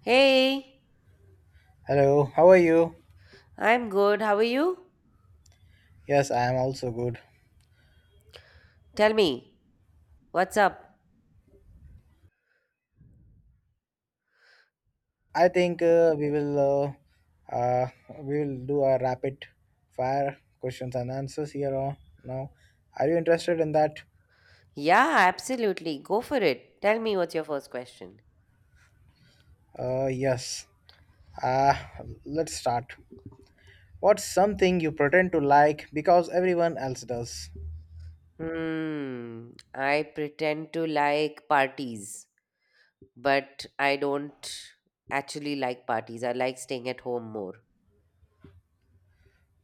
Hey, Hello, how are you? I'm good. How are you? Yes, I am also good. Tell me, what's up? I think we will we will do a rapid fire questions and answers here on now. Are you interested in that? Yeah, absolutely. Go for it. Tell me what's your first question. Yes. Uh, let's start. What's something you pretend to like because everyone else does? Hmm, I pretend to like parties, but I don't actually like parties. I like staying at home more.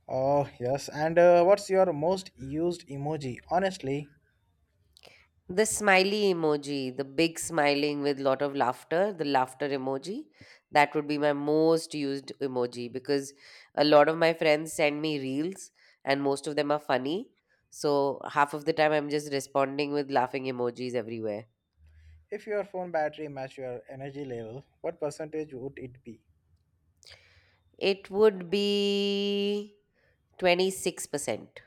Oh, yes. And what's your most used emoji? Honestly, The smiley emoji, the big smiling with lot of laughter, the laughter emoji, that would be my most used emoji because a lot of my friends send me reels and most of them are funny. So half of the time I'm just responding with laughing emojis everywhere. if your phone battery matched your energy level, what percentage would it be? It would be 26%.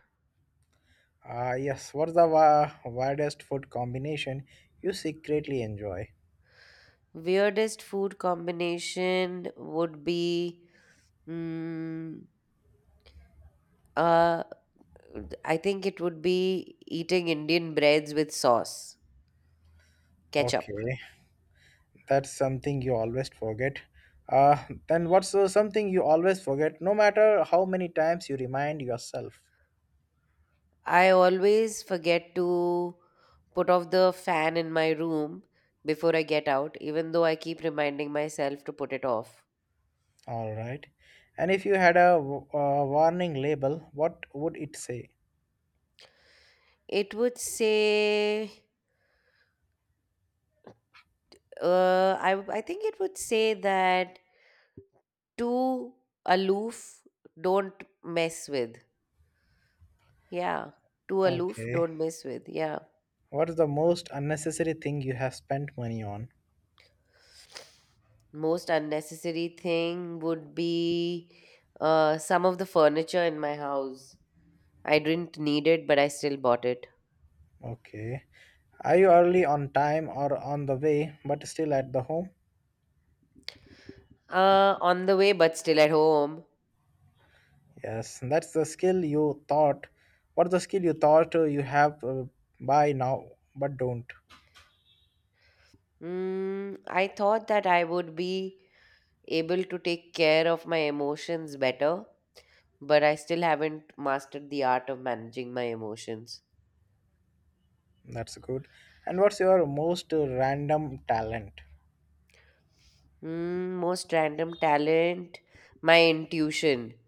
Ah, yes. What's the weirdest food combination you secretly enjoy? Weirdest food combination would be mm, uh I think it would be eating Indian breads with sauce. Ketchup. Okay, that's something you always forget. Uh, then what's something you always forget, no matter how many times you remind yourself? I always forget to put off the fan in my room before I get out, even though I keep reminding myself to put it off. All right. And if you had a warning label, what would it say? It would say, I think it would say that too aloof, don't mess with. Yeah, too aloof, Okay. don't mess with. Yeah. What is the most unnecessary thing you have spent money on? Most unnecessary thing would be some of the furniture in my house. I didn't need it, but I still bought it. Okay. Are you early on time or on the way, but still at the home? On the way, but still at home. Yes, and that's the skill you thought. What the skill you thought you have by now, but don't. Mm, I thought that I would be able to take care of my emotions better, but I still haven't mastered the art of managing my emotions. That's good. And what's your most random talent? Mm, most random talent, my intuition.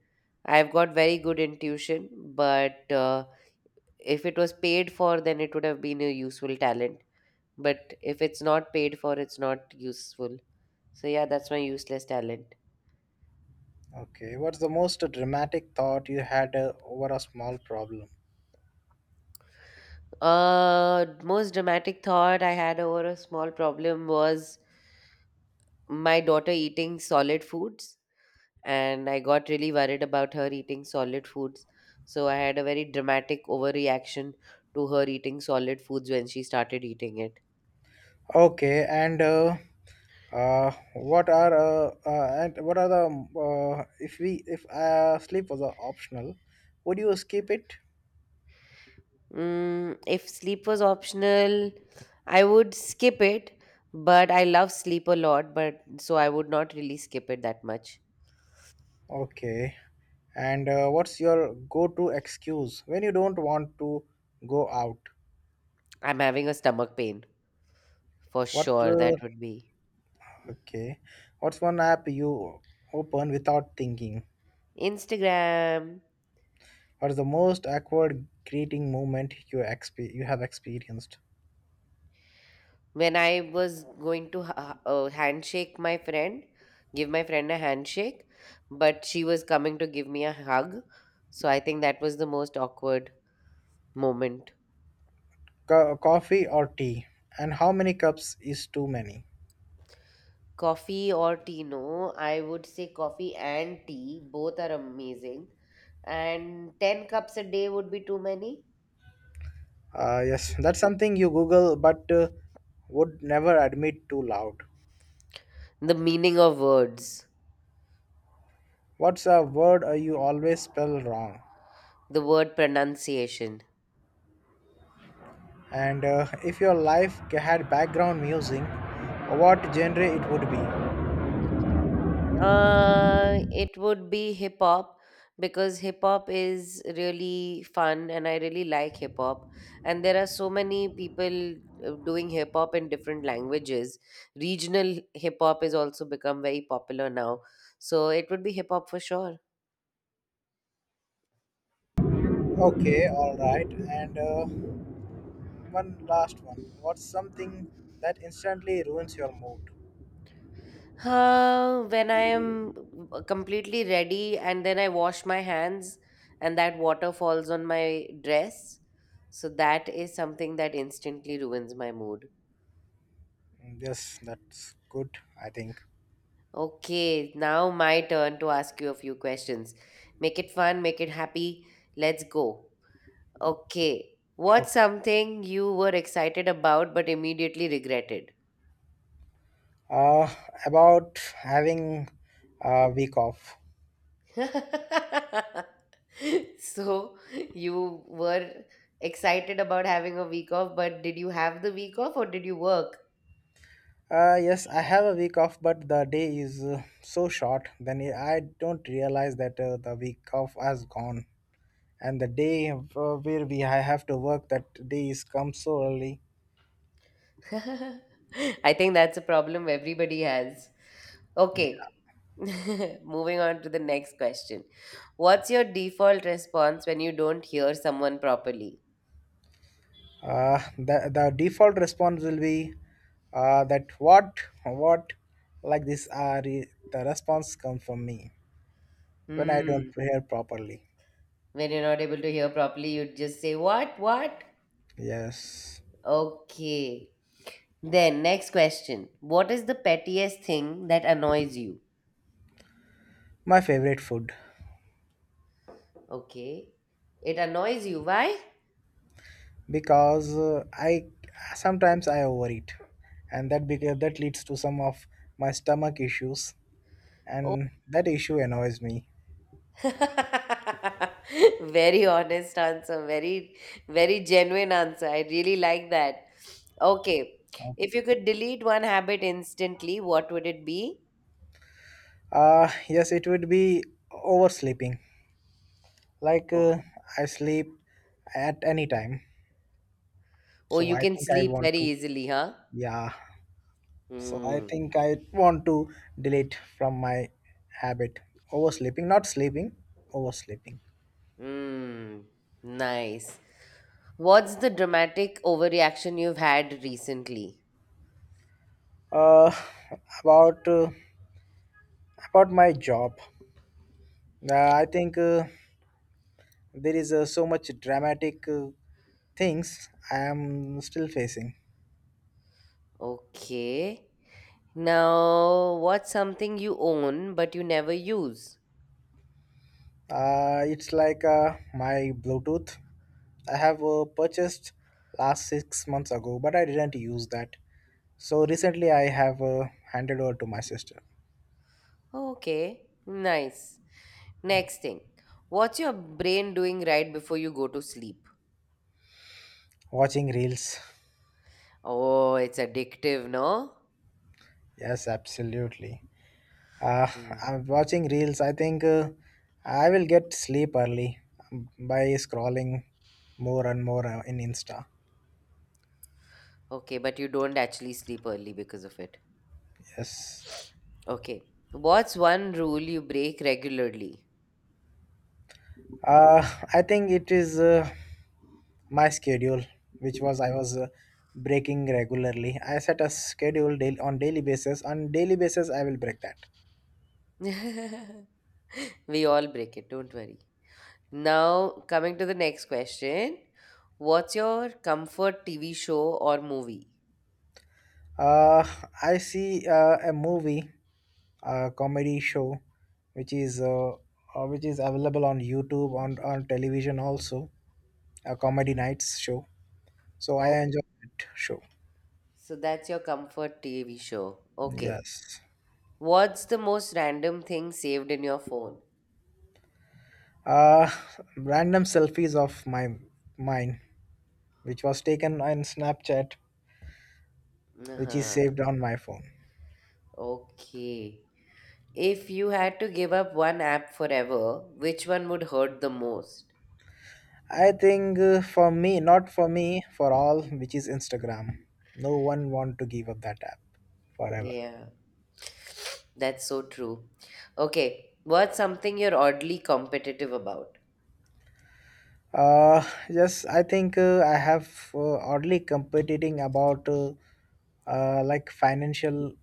I've got very good intuition, but if it was paid for, then it would have been a useful talent. But if it's not paid for, it's not useful. So, yeah, that's my useless talent. Okay, what's the most dramatic thought you had over a small problem? Most dramatic thought I had over a small problem was my daughter eating solid foods, and I got really worried about her eating solid foods. So I had a very dramatic overreaction to her eating solid foods when she started eating it. Okay, and what are and what are the if sleep was optional, would you skip it? Mm, if sleep was optional, I would skip it, but I love sleep a lot, but so I would not really skip it that much. Okay, and what's your go-to excuse when you don't want to go out? I'm having a stomach pain for What? sure. That would be Okay. What's one app you open without thinking? Instagram. What's the most awkward greeting moment you you have experienced? When I was going to handshake my friend, give my friend a handshake, but she was coming to give me a hug. So I think that was the most awkward moment. Coffee or tea? And how many cups is too many? Coffee or tea? No, I would say coffee and tea. Both are amazing. And 10 cups a day would be too many. Yes, that's something you Google but would never admit too loud. The meaning of words, What's a word you always spell wrong? the word pronunciation. And if your life had background music, what genre it would be? It would be hip hop because hip hop is really fun and I really like hip hop. And there are so many people doing hip hop in different languages. Regional hip hop is also become very popular now. So it would be hip hop for sure. Okay, all right. And one last one. What's something that instantly ruins your mood? When I am completely ready and then I wash my hands and that water falls on my dress. So that is something that instantly ruins my mood. Mm, yes, that's good, I think. Okay, now my turn to ask you a few questions. Make it fun, make it happy. Let's go. Okay. What's Okay. something you were excited about but immediately regretted? Uh, about having a week off. So, you were excited about having a week off, but did you have the week off or did you work? Yes, I have a week off, but the day is so short. Then I don't realize that the week off has gone, and the day where we I have to work that day is come so early. I think that's a problem everybody has. Okay. Moving on to the next question. What's your default response when you don't hear someone properly? The default response will be that what like this are the response comes from me when I don't Hmm. prepare properly. When you're not able to hear properly, you just say, "What? What?" Yes, Okay. Then, next question. What is the pettiest thing that annoys you? my favorite food Okay. It annoys you. Why? because I sometimes I overeat, and that leads to some of my stomach issues, and that issue annoys me. Very honest answer, very, very genuine answer. I really like that. Okay. If you could delete one habit instantly, what would it be? Yes, it would be oversleeping. Like Oh, I sleep at any time, oh so you I can think I sleep want very to easily, huh? yeah, so I Hmm. think I want to delete from my habit oversleeping, not sleeping, oversleeping. Hmm. Nice. What's the dramatic overreaction you've had recently? Uh, about uh, about my job, I think there is so much dramatic things I am still facing. Okay. Now, what's something you own but you never use? It's like my Bluetooth. I have purchased last 6 months ago, but I didn't use that. So recently, I have handed over to my sister. Okay. Nice. Next thing, what's your brain doing right before you go to sleep? Watching reels. Oh, it's addictive, no? Yes, absolutely. Uh, Mm. I'm watching reels. I think I will get sleep early by scrolling more and more in Insta. Okay, but you don't actually sleep early because of it. Yes. Okay. What's one rule you break regularly? Uh, I think it is my schedule, which was I was breaking regularly. I set a schedule daily, on daily basis. On daily basis, I will break that. We all break it, don't worry. Now, coming to the next question. What's your comfort TV show or movie? Uh, I see a movie. Comedy show, which is available on YouTube on television also. A comedy nights show. So I Oh, enjoy that show. so that's your comfort TV show. Okay. Yes. What's the most random thing saved in your phone? Uh, Random selfies of my mine, which was taken on Snapchat, which is saved on my phone. Okay. If you had to give up one app forever, which one would hurt the most? I think for me, not for me, for all, which is Instagram. No one want to give up that app forever. Yeah, that's so true. Okay, what's something you're oddly competitive about? Yes, I think I have oddly competing about like financial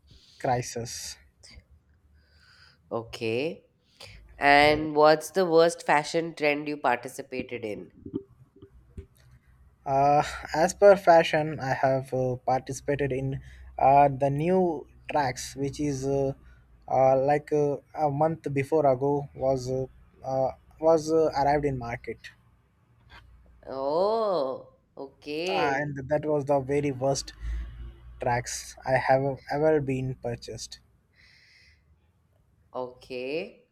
crisis. Okay. Yeah. And what's the worst fashion trend you participated in? Uh, as per fashion, I have participated in the new tracks, which is like a month before ago uh, was arrived in market. Oh, okay. And that was the very worst tracks I have ever been purchased. Okay.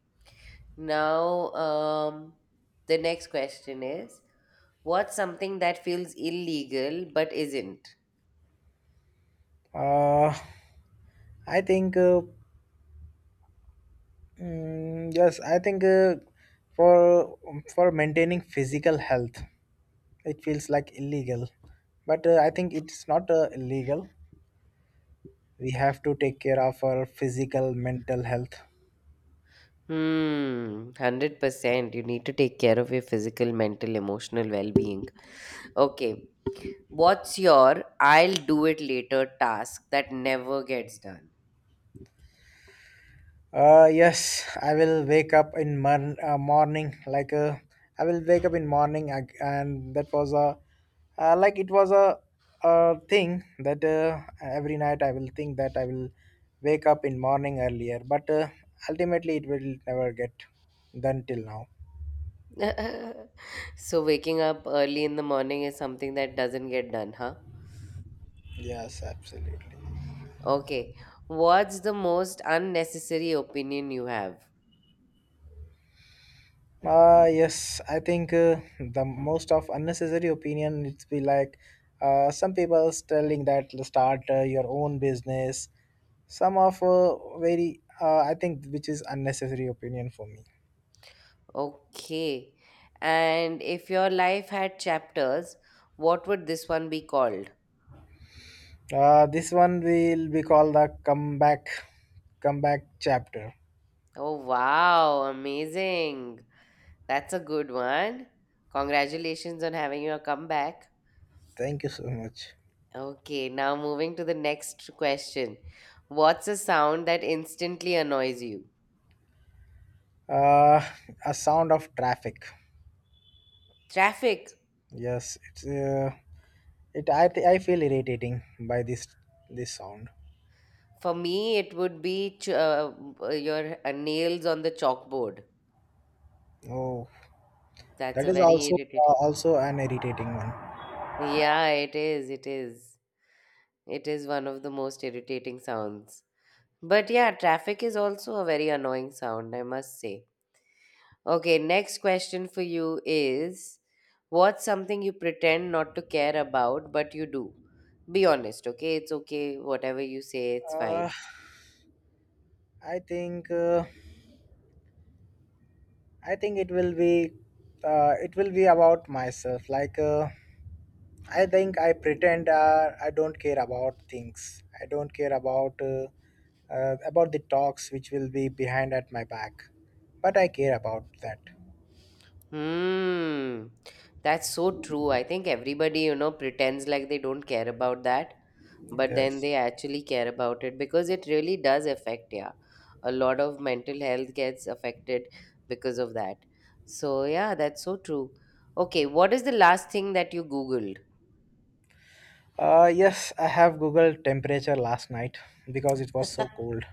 Now, the next question is, what's something that feels illegal but isn't? Uh, I think. Mm, yes, I think for for maintaining physical health, it feels like illegal, but I think it's not illegal. We have to take care of our physical, mental health. Hmm, 100%. You need to take care of your physical, mental, emotional well being. Okay, what's your I'll do it later task that never gets done? Yes, I will wake up in morning like I will wake up in morning and that was a like it was a thing that every night I will think that I will wake up in morning earlier but ultimately it will never get done till now. So, waking up early in the morning is something that doesn't get done, huh? Yes, absolutely. Okay, what's the most unnecessary opinion you have? Yes, I think the most of unnecessary opinion it's be like some people's telling that start your own business. Some of very I think which is unnecessary opinion for me. Okay, and if your life had chapters, what would this one be called? Uh, this one will be called the comeback chapter. Oh, wow, amazing. That's a good one. Congratulations on having your comeback. Thank you so much. Okay, now moving to the next question. What's a sound that instantly annoys you? Uh, a sound of traffic. Traffic. Yes, it's it I feel irritating by this sound. For me, it would be your nails on the chalkboard. Oh, That's that a is very irritating. also an irritating one. Yeah, it is. It is. It is one of the most irritating sounds. But yeah, traffic is also a very annoying sound, I must say. Okay, next question for you is what's something you pretend not to care about, but you do? Be honest, okay? It's okay. Whatever you say, it's Uh, fine. I think i think it will be it will be about myself. Like I think I pretend I don't care about things. I don't care about the talks which will be behind at my back, but I care about that. Hmm. That's so true. I think everybody, you know, pretends like they don't care about that, but then Yes. they actually care about it because it really does affect, yeah. A lot of mental health gets affected because of that. So, yeah, that's so true. Okay, what is the last thing that you Googled? Yes, I have Googled temperature last night because it was so cold.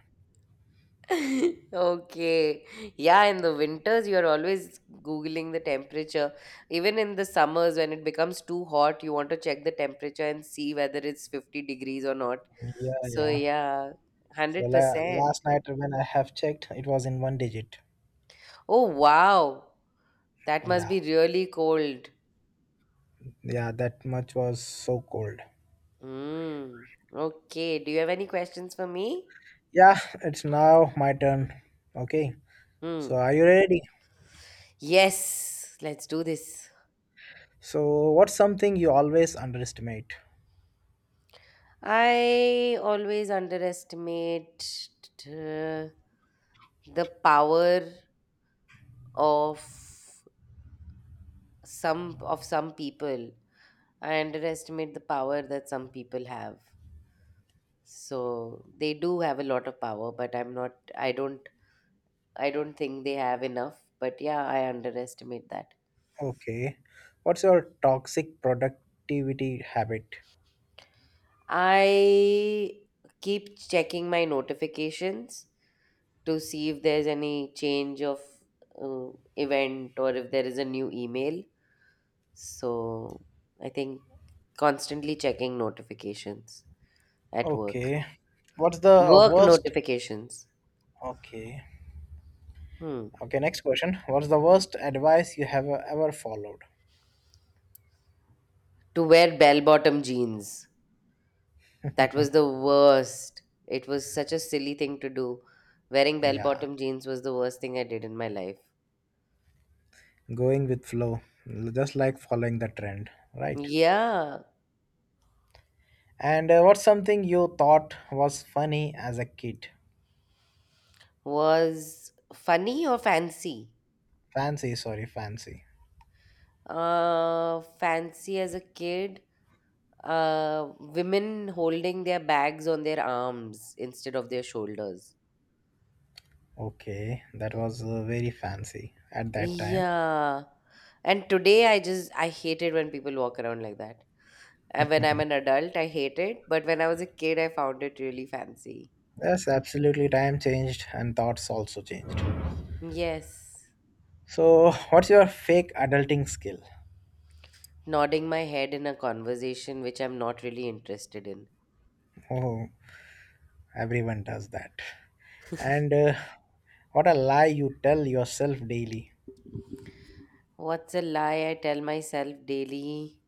Okay. Yeah, in the winters, you're always Googling the temperature. Even in the summers, when it becomes too hot, you want to check the temperature and see whether it's 50 degrees or not. Yeah, So, yeah. yeah, So 100%. last night when I have checked, it was in one digit. Oh, wow. That must Yeah, be really cold. yeah. That much was so cold. Mm. Okay. Do you have any questions for me? Yeah, it's now my turn. Okay. So Hmm. are you ready? Yes, let's do this. So, what's something you always underestimate? I always underestimate uh, the power of some people. I underestimate the power that some people have. So they do have a lot of power, but I'm not. I don't. I don't think they have enough. But yeah, I underestimate that. Okay. What's your toxic productivity habit? I keep checking my notifications to see if there's any change of uh, event or if there is a new email. So I think constantly checking notifications at work. Okay. What's the Work worst? notifications. Okay. Hmm. Okay, next question. What's the worst advice you have ever followed? To wear bell bottom jeans. That was the worst. It was such a silly thing to do. Wearing bell Yeah. bottom jeans was the worst thing I did in my life. Going with flow, just like following the trend, right? Yeah. And what's something you thought was funny as a kid? Was funny or fancy? Fancy, sorry, fancy. Fancy as a kid. Women holding their bags on their arms instead of their shoulders. Okay, that was very fancy at that time. Yeah. And today I just I hated when people walk around like that. And when I'm an adult, I hate it. But when I was a kid, I found it really fancy. Yes, absolutely. Time changed and thoughts also changed. Yes. So, what's your fake adulting skill? Nodding my head in a conversation which I'm not really interested in. Oh, everyone does that. And what a lie you tell yourself daily. What's a lie I tell myself daily?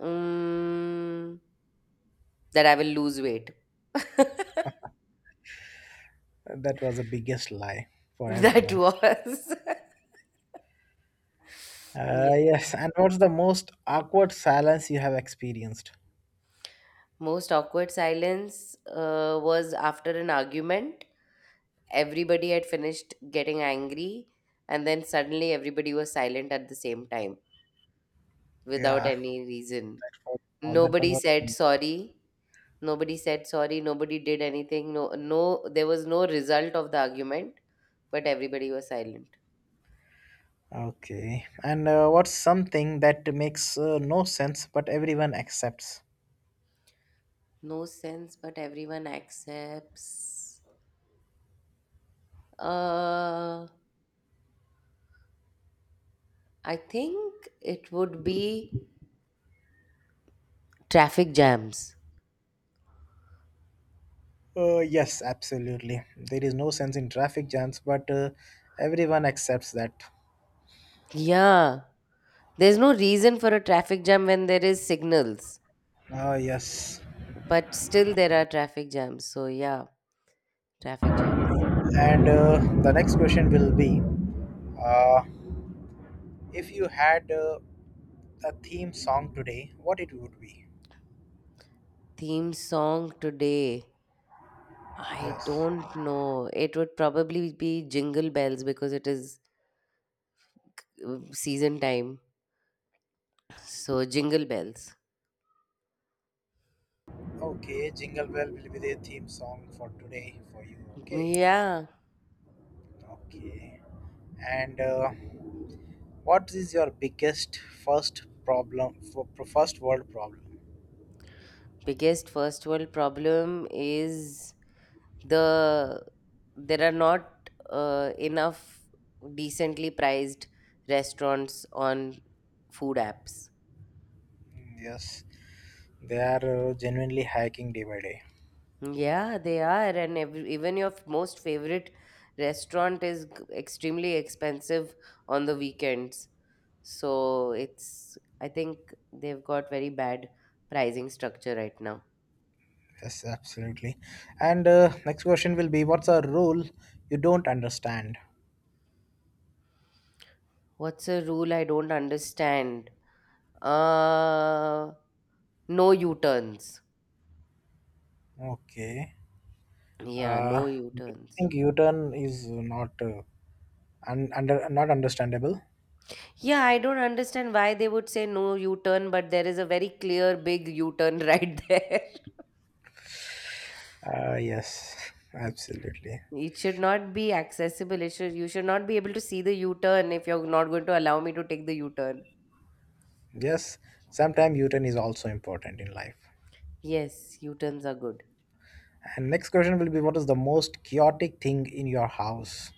Mm, that I will lose weight. That That was the biggest lie for everyone. was. Yes. Yes, and what's the most awkward silence you have experienced? Most awkward silence was after an argument. Everybody had finished getting angry and then suddenly everybody was silent at the same time without Yeah. any reason. Oh, that one Nobody was said very awkward. sorry, nobody said sorry, nobody did anything. No, no, there was no result of the argument, but everybody was silent. Okay, and what's something that makes no sense but everyone accepts? No sense but everyone accepts, uh I think it would be traffic jams. Yes, absolutely. There is no sense in traffic jams, but everyone accepts that. Yeah, there's no reason for a traffic jam when there is signals. Yes. But still, there are traffic jams. So, yeah, traffic jams. And the next question will be uh, if you had a theme song today, what it would be? Theme song today. I Yes. don't know. It would probably be Jingle Bells because it is season time. So, Jingle Bells. Okay, Jingle Bell will be the theme song for today for you. Okay. Yeah. Okay. And what is your biggest first problem for first world problem? Biggest first world problem is the there are not enough decently priced restaurants on food apps. Hmm, yes, they are genuinely hacking day by day. Yeah, they are, and even your most favorite restaurant is extremely expensive on the weekends. So it's, I think they've got very bad pricing structure right now. Yes, absolutely. And next question will be what's a rule you don't understand? What's a rule I don't understand? Uh, no U-turns. Okay. Yeah, Uh, no do you U-turns. think U-turn is not under not understandable? Yeah, I don't understand why they would say no U-turn, but there is a very clear big U-turn right there. Yes, absolutely. It should not be accessible. It should You should not be able to see the U-turn if you're not going to allow me to take the U-turn. Yes, sometimes U-turn is also important in life. Yes, U-turns are good. And next question will be what is the most chaotic thing in your house?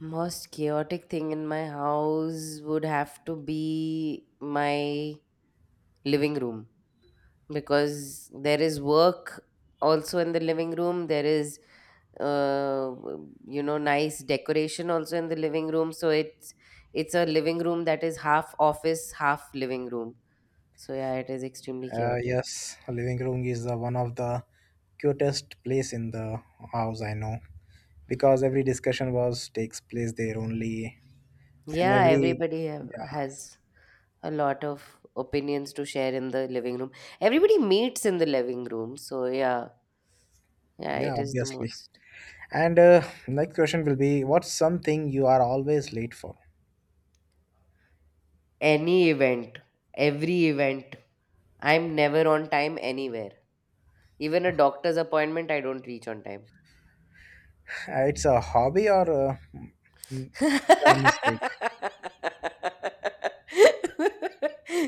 Most chaotic thing in my house would have to be my living room because there is work also in the living room. There is uh, you know nice decoration also in the living room. So it's a living room that is half office, half living room. So yeah, it is extremely chaotic. Yes, living room is the one of the cutest place in the house I know. Because every discussion was takes place there only. And Yeah, every, yeah, has a lot of opinions to share in the living room. Everybody meets in the living room, so yeah, yeah, it is the obviously. most. And next question will be what's something you are always late for. Any event, every event, I'm never on time anywhere. Even a doctor's appointment, I don't reach on time. It's a hobby or a, a mistake?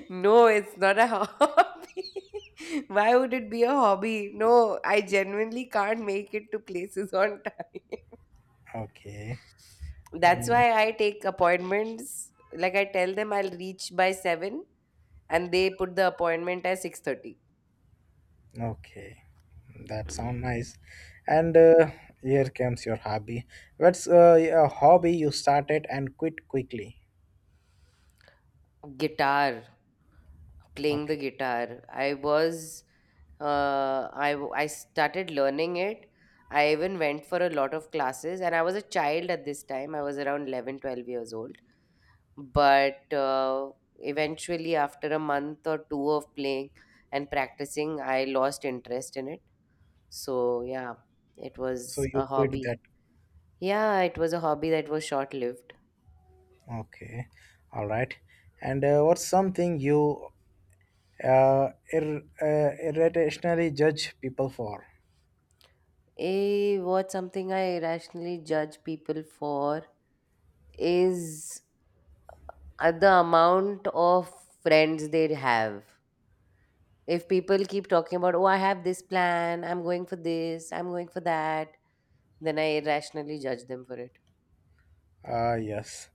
No, it's not a hobby. Why would it be a hobby? No, I genuinely can't make it to places on time. Okay. That's Mm, why I take appointments. Like I tell them I'll reach by 7, and they put the appointment at 6:30. okay. That Yeah. sound nice. And here comes your hobby. What's a hobby you started and quit quickly? Guitar, playing the Okay, guitar. I started learning it. I even went for a lot of classes, and I was a child at this time. I was around 11, 12 years old. But Eventually, after a month or two of playing and practicing, I lost interest in it. So yeah, it so was a you quit hobby. that. Yeah, it was a hobby that was short-lived. Okay, all right. And what's something you irrationally judge people for. A what something I irrationally judge people for is the amount of friends they have. If people keep talking about, oh, I have this plan, I'm going for this, I'm going for that, then I irrationally judge them for it. Ah, yes.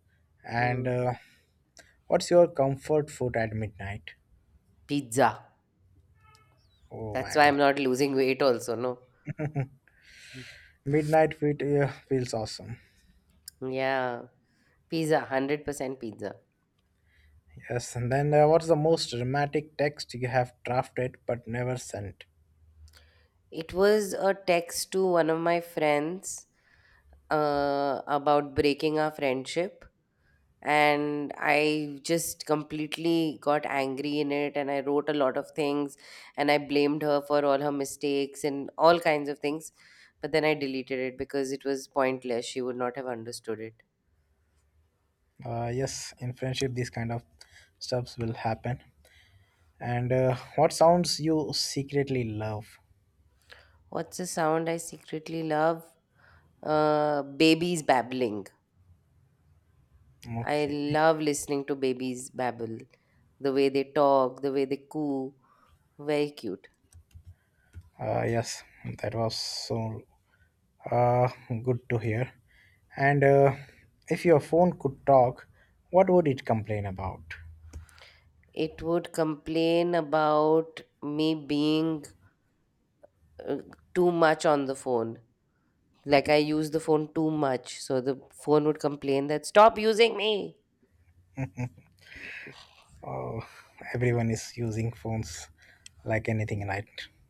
And Hmm. What's your comfort food at midnight? Pizza. Oh That's my why I'm god. not losing weight also, no. Midnight food feels awesome. Hmm, yeah. Pizza, 100% pizza. Yes. And then what's the most dramatic text you have drafted but never sent? It was a text to one of my friends about breaking our friendship. And I just completely got angry in it. And I wrote a lot of things. And I blamed her for all her mistakes and all kinds of things. But then I deleted it because it was pointless. She would not have understood it. Yes, in friendship, these kind of stuffs will happen. And what sounds you secretly love? What's the sound I secretly love? Babies babbling. I Okay. love listening to babies babble. The way they talk, the way they coo. Very cute. Yes, that was so Uh, good to hear. And if your phone could talk, what would it complain about? It would complain about me being uh, too much on the phone. Like I use the phone too much. So the phone would complain that, stop using me. Oh, everyone is using phones like anything right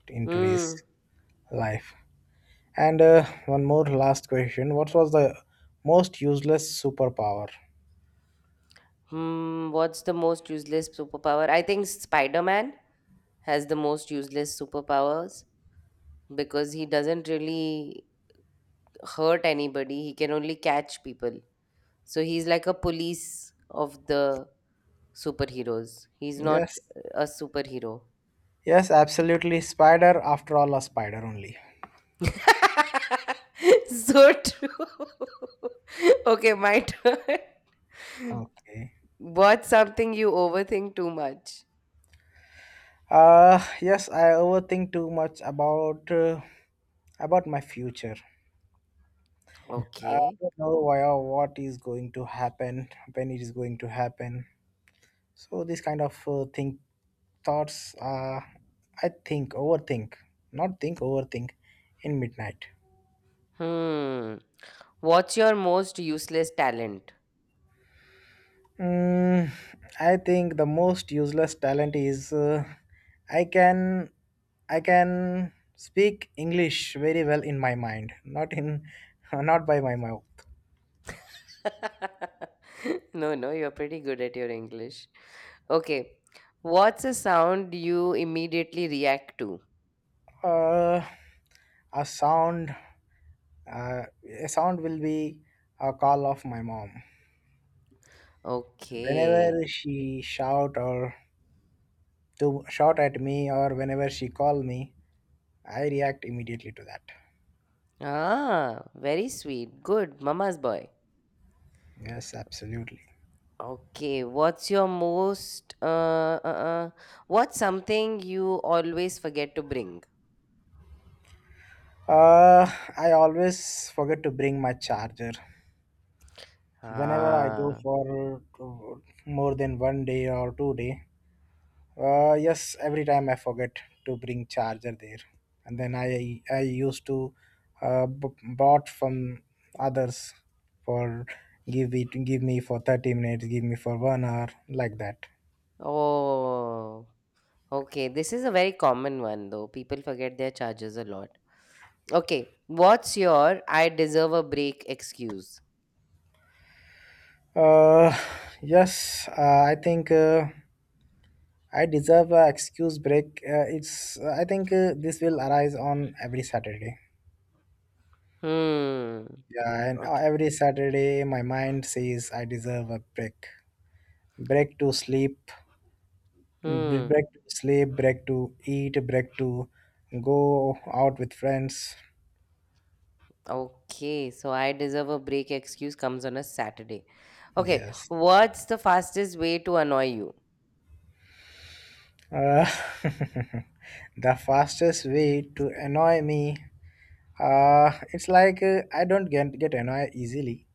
in Hmm. today's life. And one more last question. What was the most useless superpower? Hmm. What's the most useless superpower? I think Spider Man has the most useless superpowers because he doesn't really hurt anybody. He can only catch people. So he's like a police of the superheroes. He's not Yes. a superhero. Yes, absolutely. Spider, after all, a spider only. So true. Okay, my turn. Okay. What's something you overthink too much? Yes, I overthink too much about my future. I Okay. don't know why or what is going to happen, when it is going to happen. So this kind of think thoughts, I think overthink, not think overthink, in midnight. Hmm. What's your most useless talent? Mm, I think the most useless talent is I can I can speak English very well in my mind, not in not by my mouth. No, no, you're pretty good at your English. Okay. What's a sound you immediately react to? Uh, a sound uh, a sound will be a call of my mom. Okay. Whenever she shout or to shout at me or whenever she call me, I react immediately to that. Ah, very sweet. Good. Mama's boy. Yes, absolutely. Okay, what's your most what's something you always forget to bring? Uh, I always forget to bring my charger. Whenever I go Ah, for more than one day or two day, yes, every time I forget to bring charger there, and then I used to bought from others for give me for 30 minutes give me for one hour like that. oh, okay. This is a very common one though. People forget their chargers a lot. Okay, what's your I deserve a break excuse? Uh, yes, I think I deserve a excuse break. It's I think this will arise on every Saturday. Hmm. Yeah, and Okay. every Saturday my mind says I deserve a break. Break to sleep, Hmm. break to sleep, break to eat, break to go out with friends. Okay, so I deserve a break excuse comes on a Saturday. Okay, Yes. what's the fastest way to annoy you? Uh, the fastest way to annoy me. It's like I don't get annoyed easily,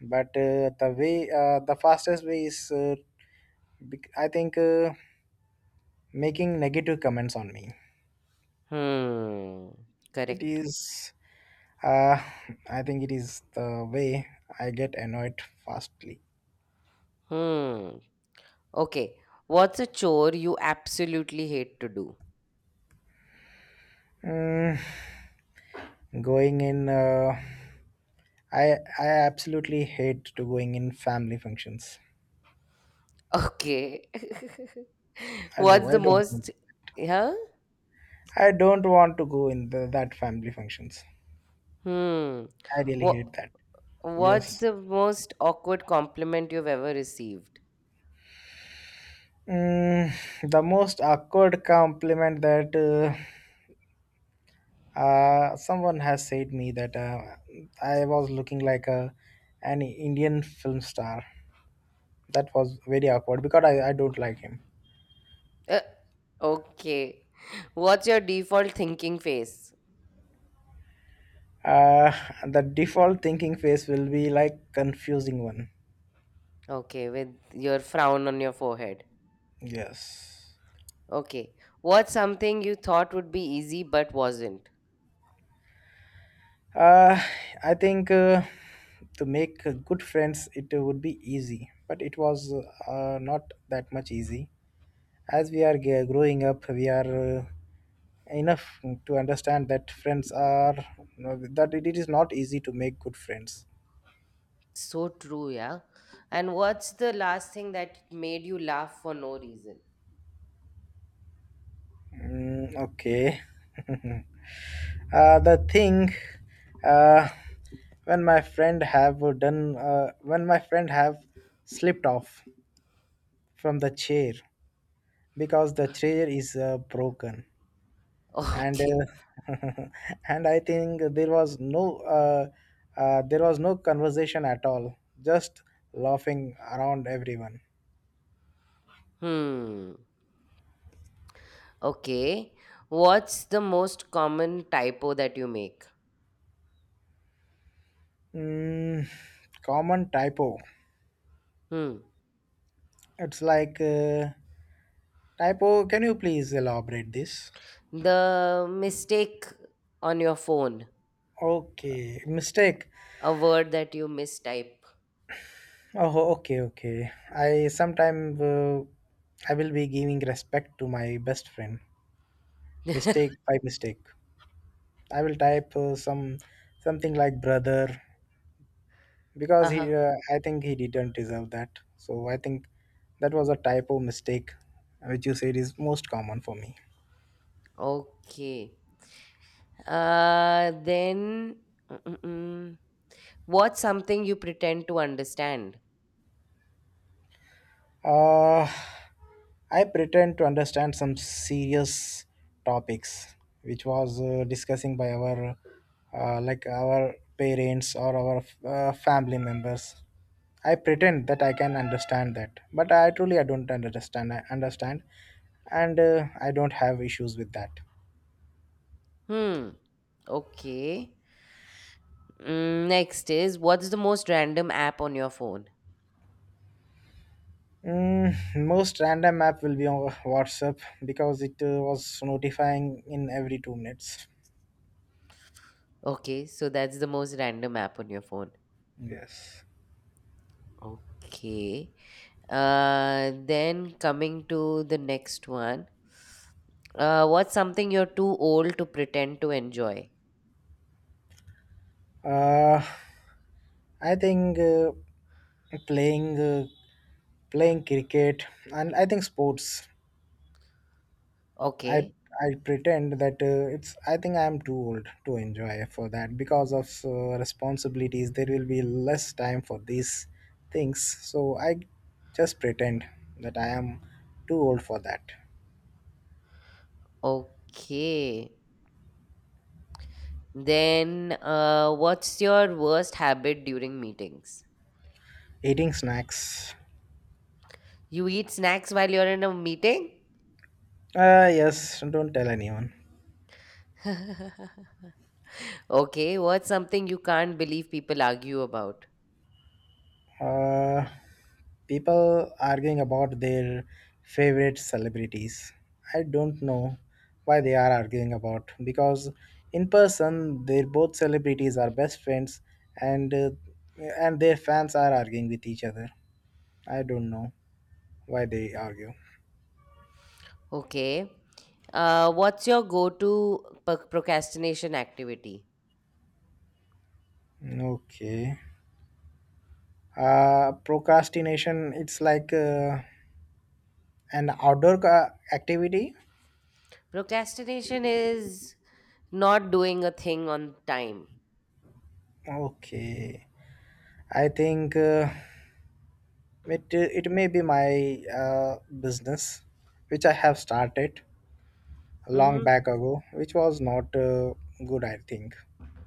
but the fastest way is I think making negative comments on me, Hmm. it Correct. is, uh, I think it is the way I get annoyed fastly. Hmm. Okay. What's a chore you absolutely hate to do? Mm, Going in I absolutely hate to going in family functions. Okay. What's I the don't most huh? I don't want to go in that family functions. Hmm. I really What hate that. what's Yes. the most awkward compliment you've ever received? Mm, the most awkward compliment, that someone has said me that I was looking like a an Indian film star. That was very awkward because I don't like him. Uh, okay. What's your default thinking face? Uh, the default thinking face will be like confusing one. Okay, with your frown on your forehead. Yes. Okay. What's something you thought would be easy but wasn't? Uh, I think to make good friends it would be easy, but it was not that much easy. As we are growing up, we are enough to understand that friends are that it is not easy to make good friends. So true, yeah. And what's the last thing that made you laugh for no reason? Okay. The thing, uh, when my friend have slipped off from the chair because the chair is broken, and Okay. And I think there was there was no conversation at all, just laughing around everyone. Hmm. Okay. What's the most common typo that you make? Mm, Common typo. Hmm. It's like typo. Can you please elaborate this? The mistake on your phone. Okay, mistake. A word that you mistype. Oh, okay, okay. I sometime I will be giving respect to my best friend. Mistake by mistake. I will type something like brother because he. Uh-huh. I think he didn't deserve that. So I think that was a typo mistake, which you said is most common for me. Okay. Uh, then Mm-mm-mm. What's something you pretend to understand? Uh I pretend to understand some serious topics, which was discussing by our like our parents or our family members. I pretend that I can understand that, but I don't understand. I understand, and I don't have issues with that. Hmm. Okay. Mm, next is what's the most random app on your phone? Mm, Most random app will be on WhatsApp because it was notifying in every two minutes. Okay, so that's the most random app on your phone. Yes. Okay. Then coming to the next one. What's something you're too old to pretend to enjoy? Uh, I think playing uh, playing cricket, and I think sports. I Okay. I pretend that it's. I think I am too old to enjoy for that because of responsibilities. There will be less time for these things. So I just pretend that I am too old for that. Okay. Then, what's your worst habit during meetings? Eating snacks. You eat snacks while you're in a meeting? Yes. Don't tell anyone. Okay. What's something you can't believe people argue about? Uh. People arguing about their favorite celebrities. I don't know why they are arguing about, because in person they both celebrities are best friends, and uh, and their fans are arguing with each other. I don't know why they argue. Okay. What's your go to procrastination activity? Okay. Procrastination. It's like an outdoor activity. Procrastination is not doing a thing on time. Okay. I think. It may be my business, which I have started long Mm-hmm. back ago, which was not good, I think,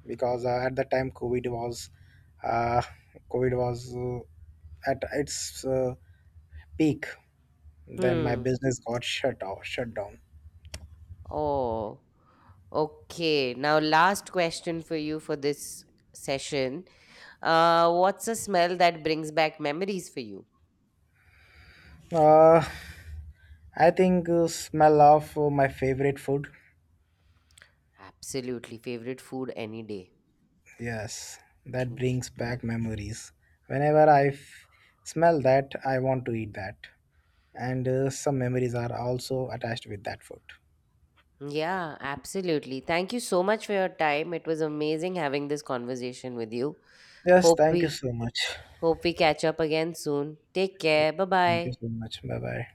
because at the time uh, COVID was at its peak. Then my Hmm. business got shut down. Oh, okay. Now, last question for you for this session. What's a smell that brings back memories for you? Uh, I think smell of my favorite food. Absolutely. Favorite food any day. Yes, that Mm. brings back memories. Whenever I smell that, I want to eat that, and some memories are also attached with that food. Yeah, absolutely. Thank you so much for your time. It was amazing having this conversation with you. Yes, Hope thank you we so much. hope we catch up again soon. Take Yeah, care. thank you Bye-bye. so much. Bye bye.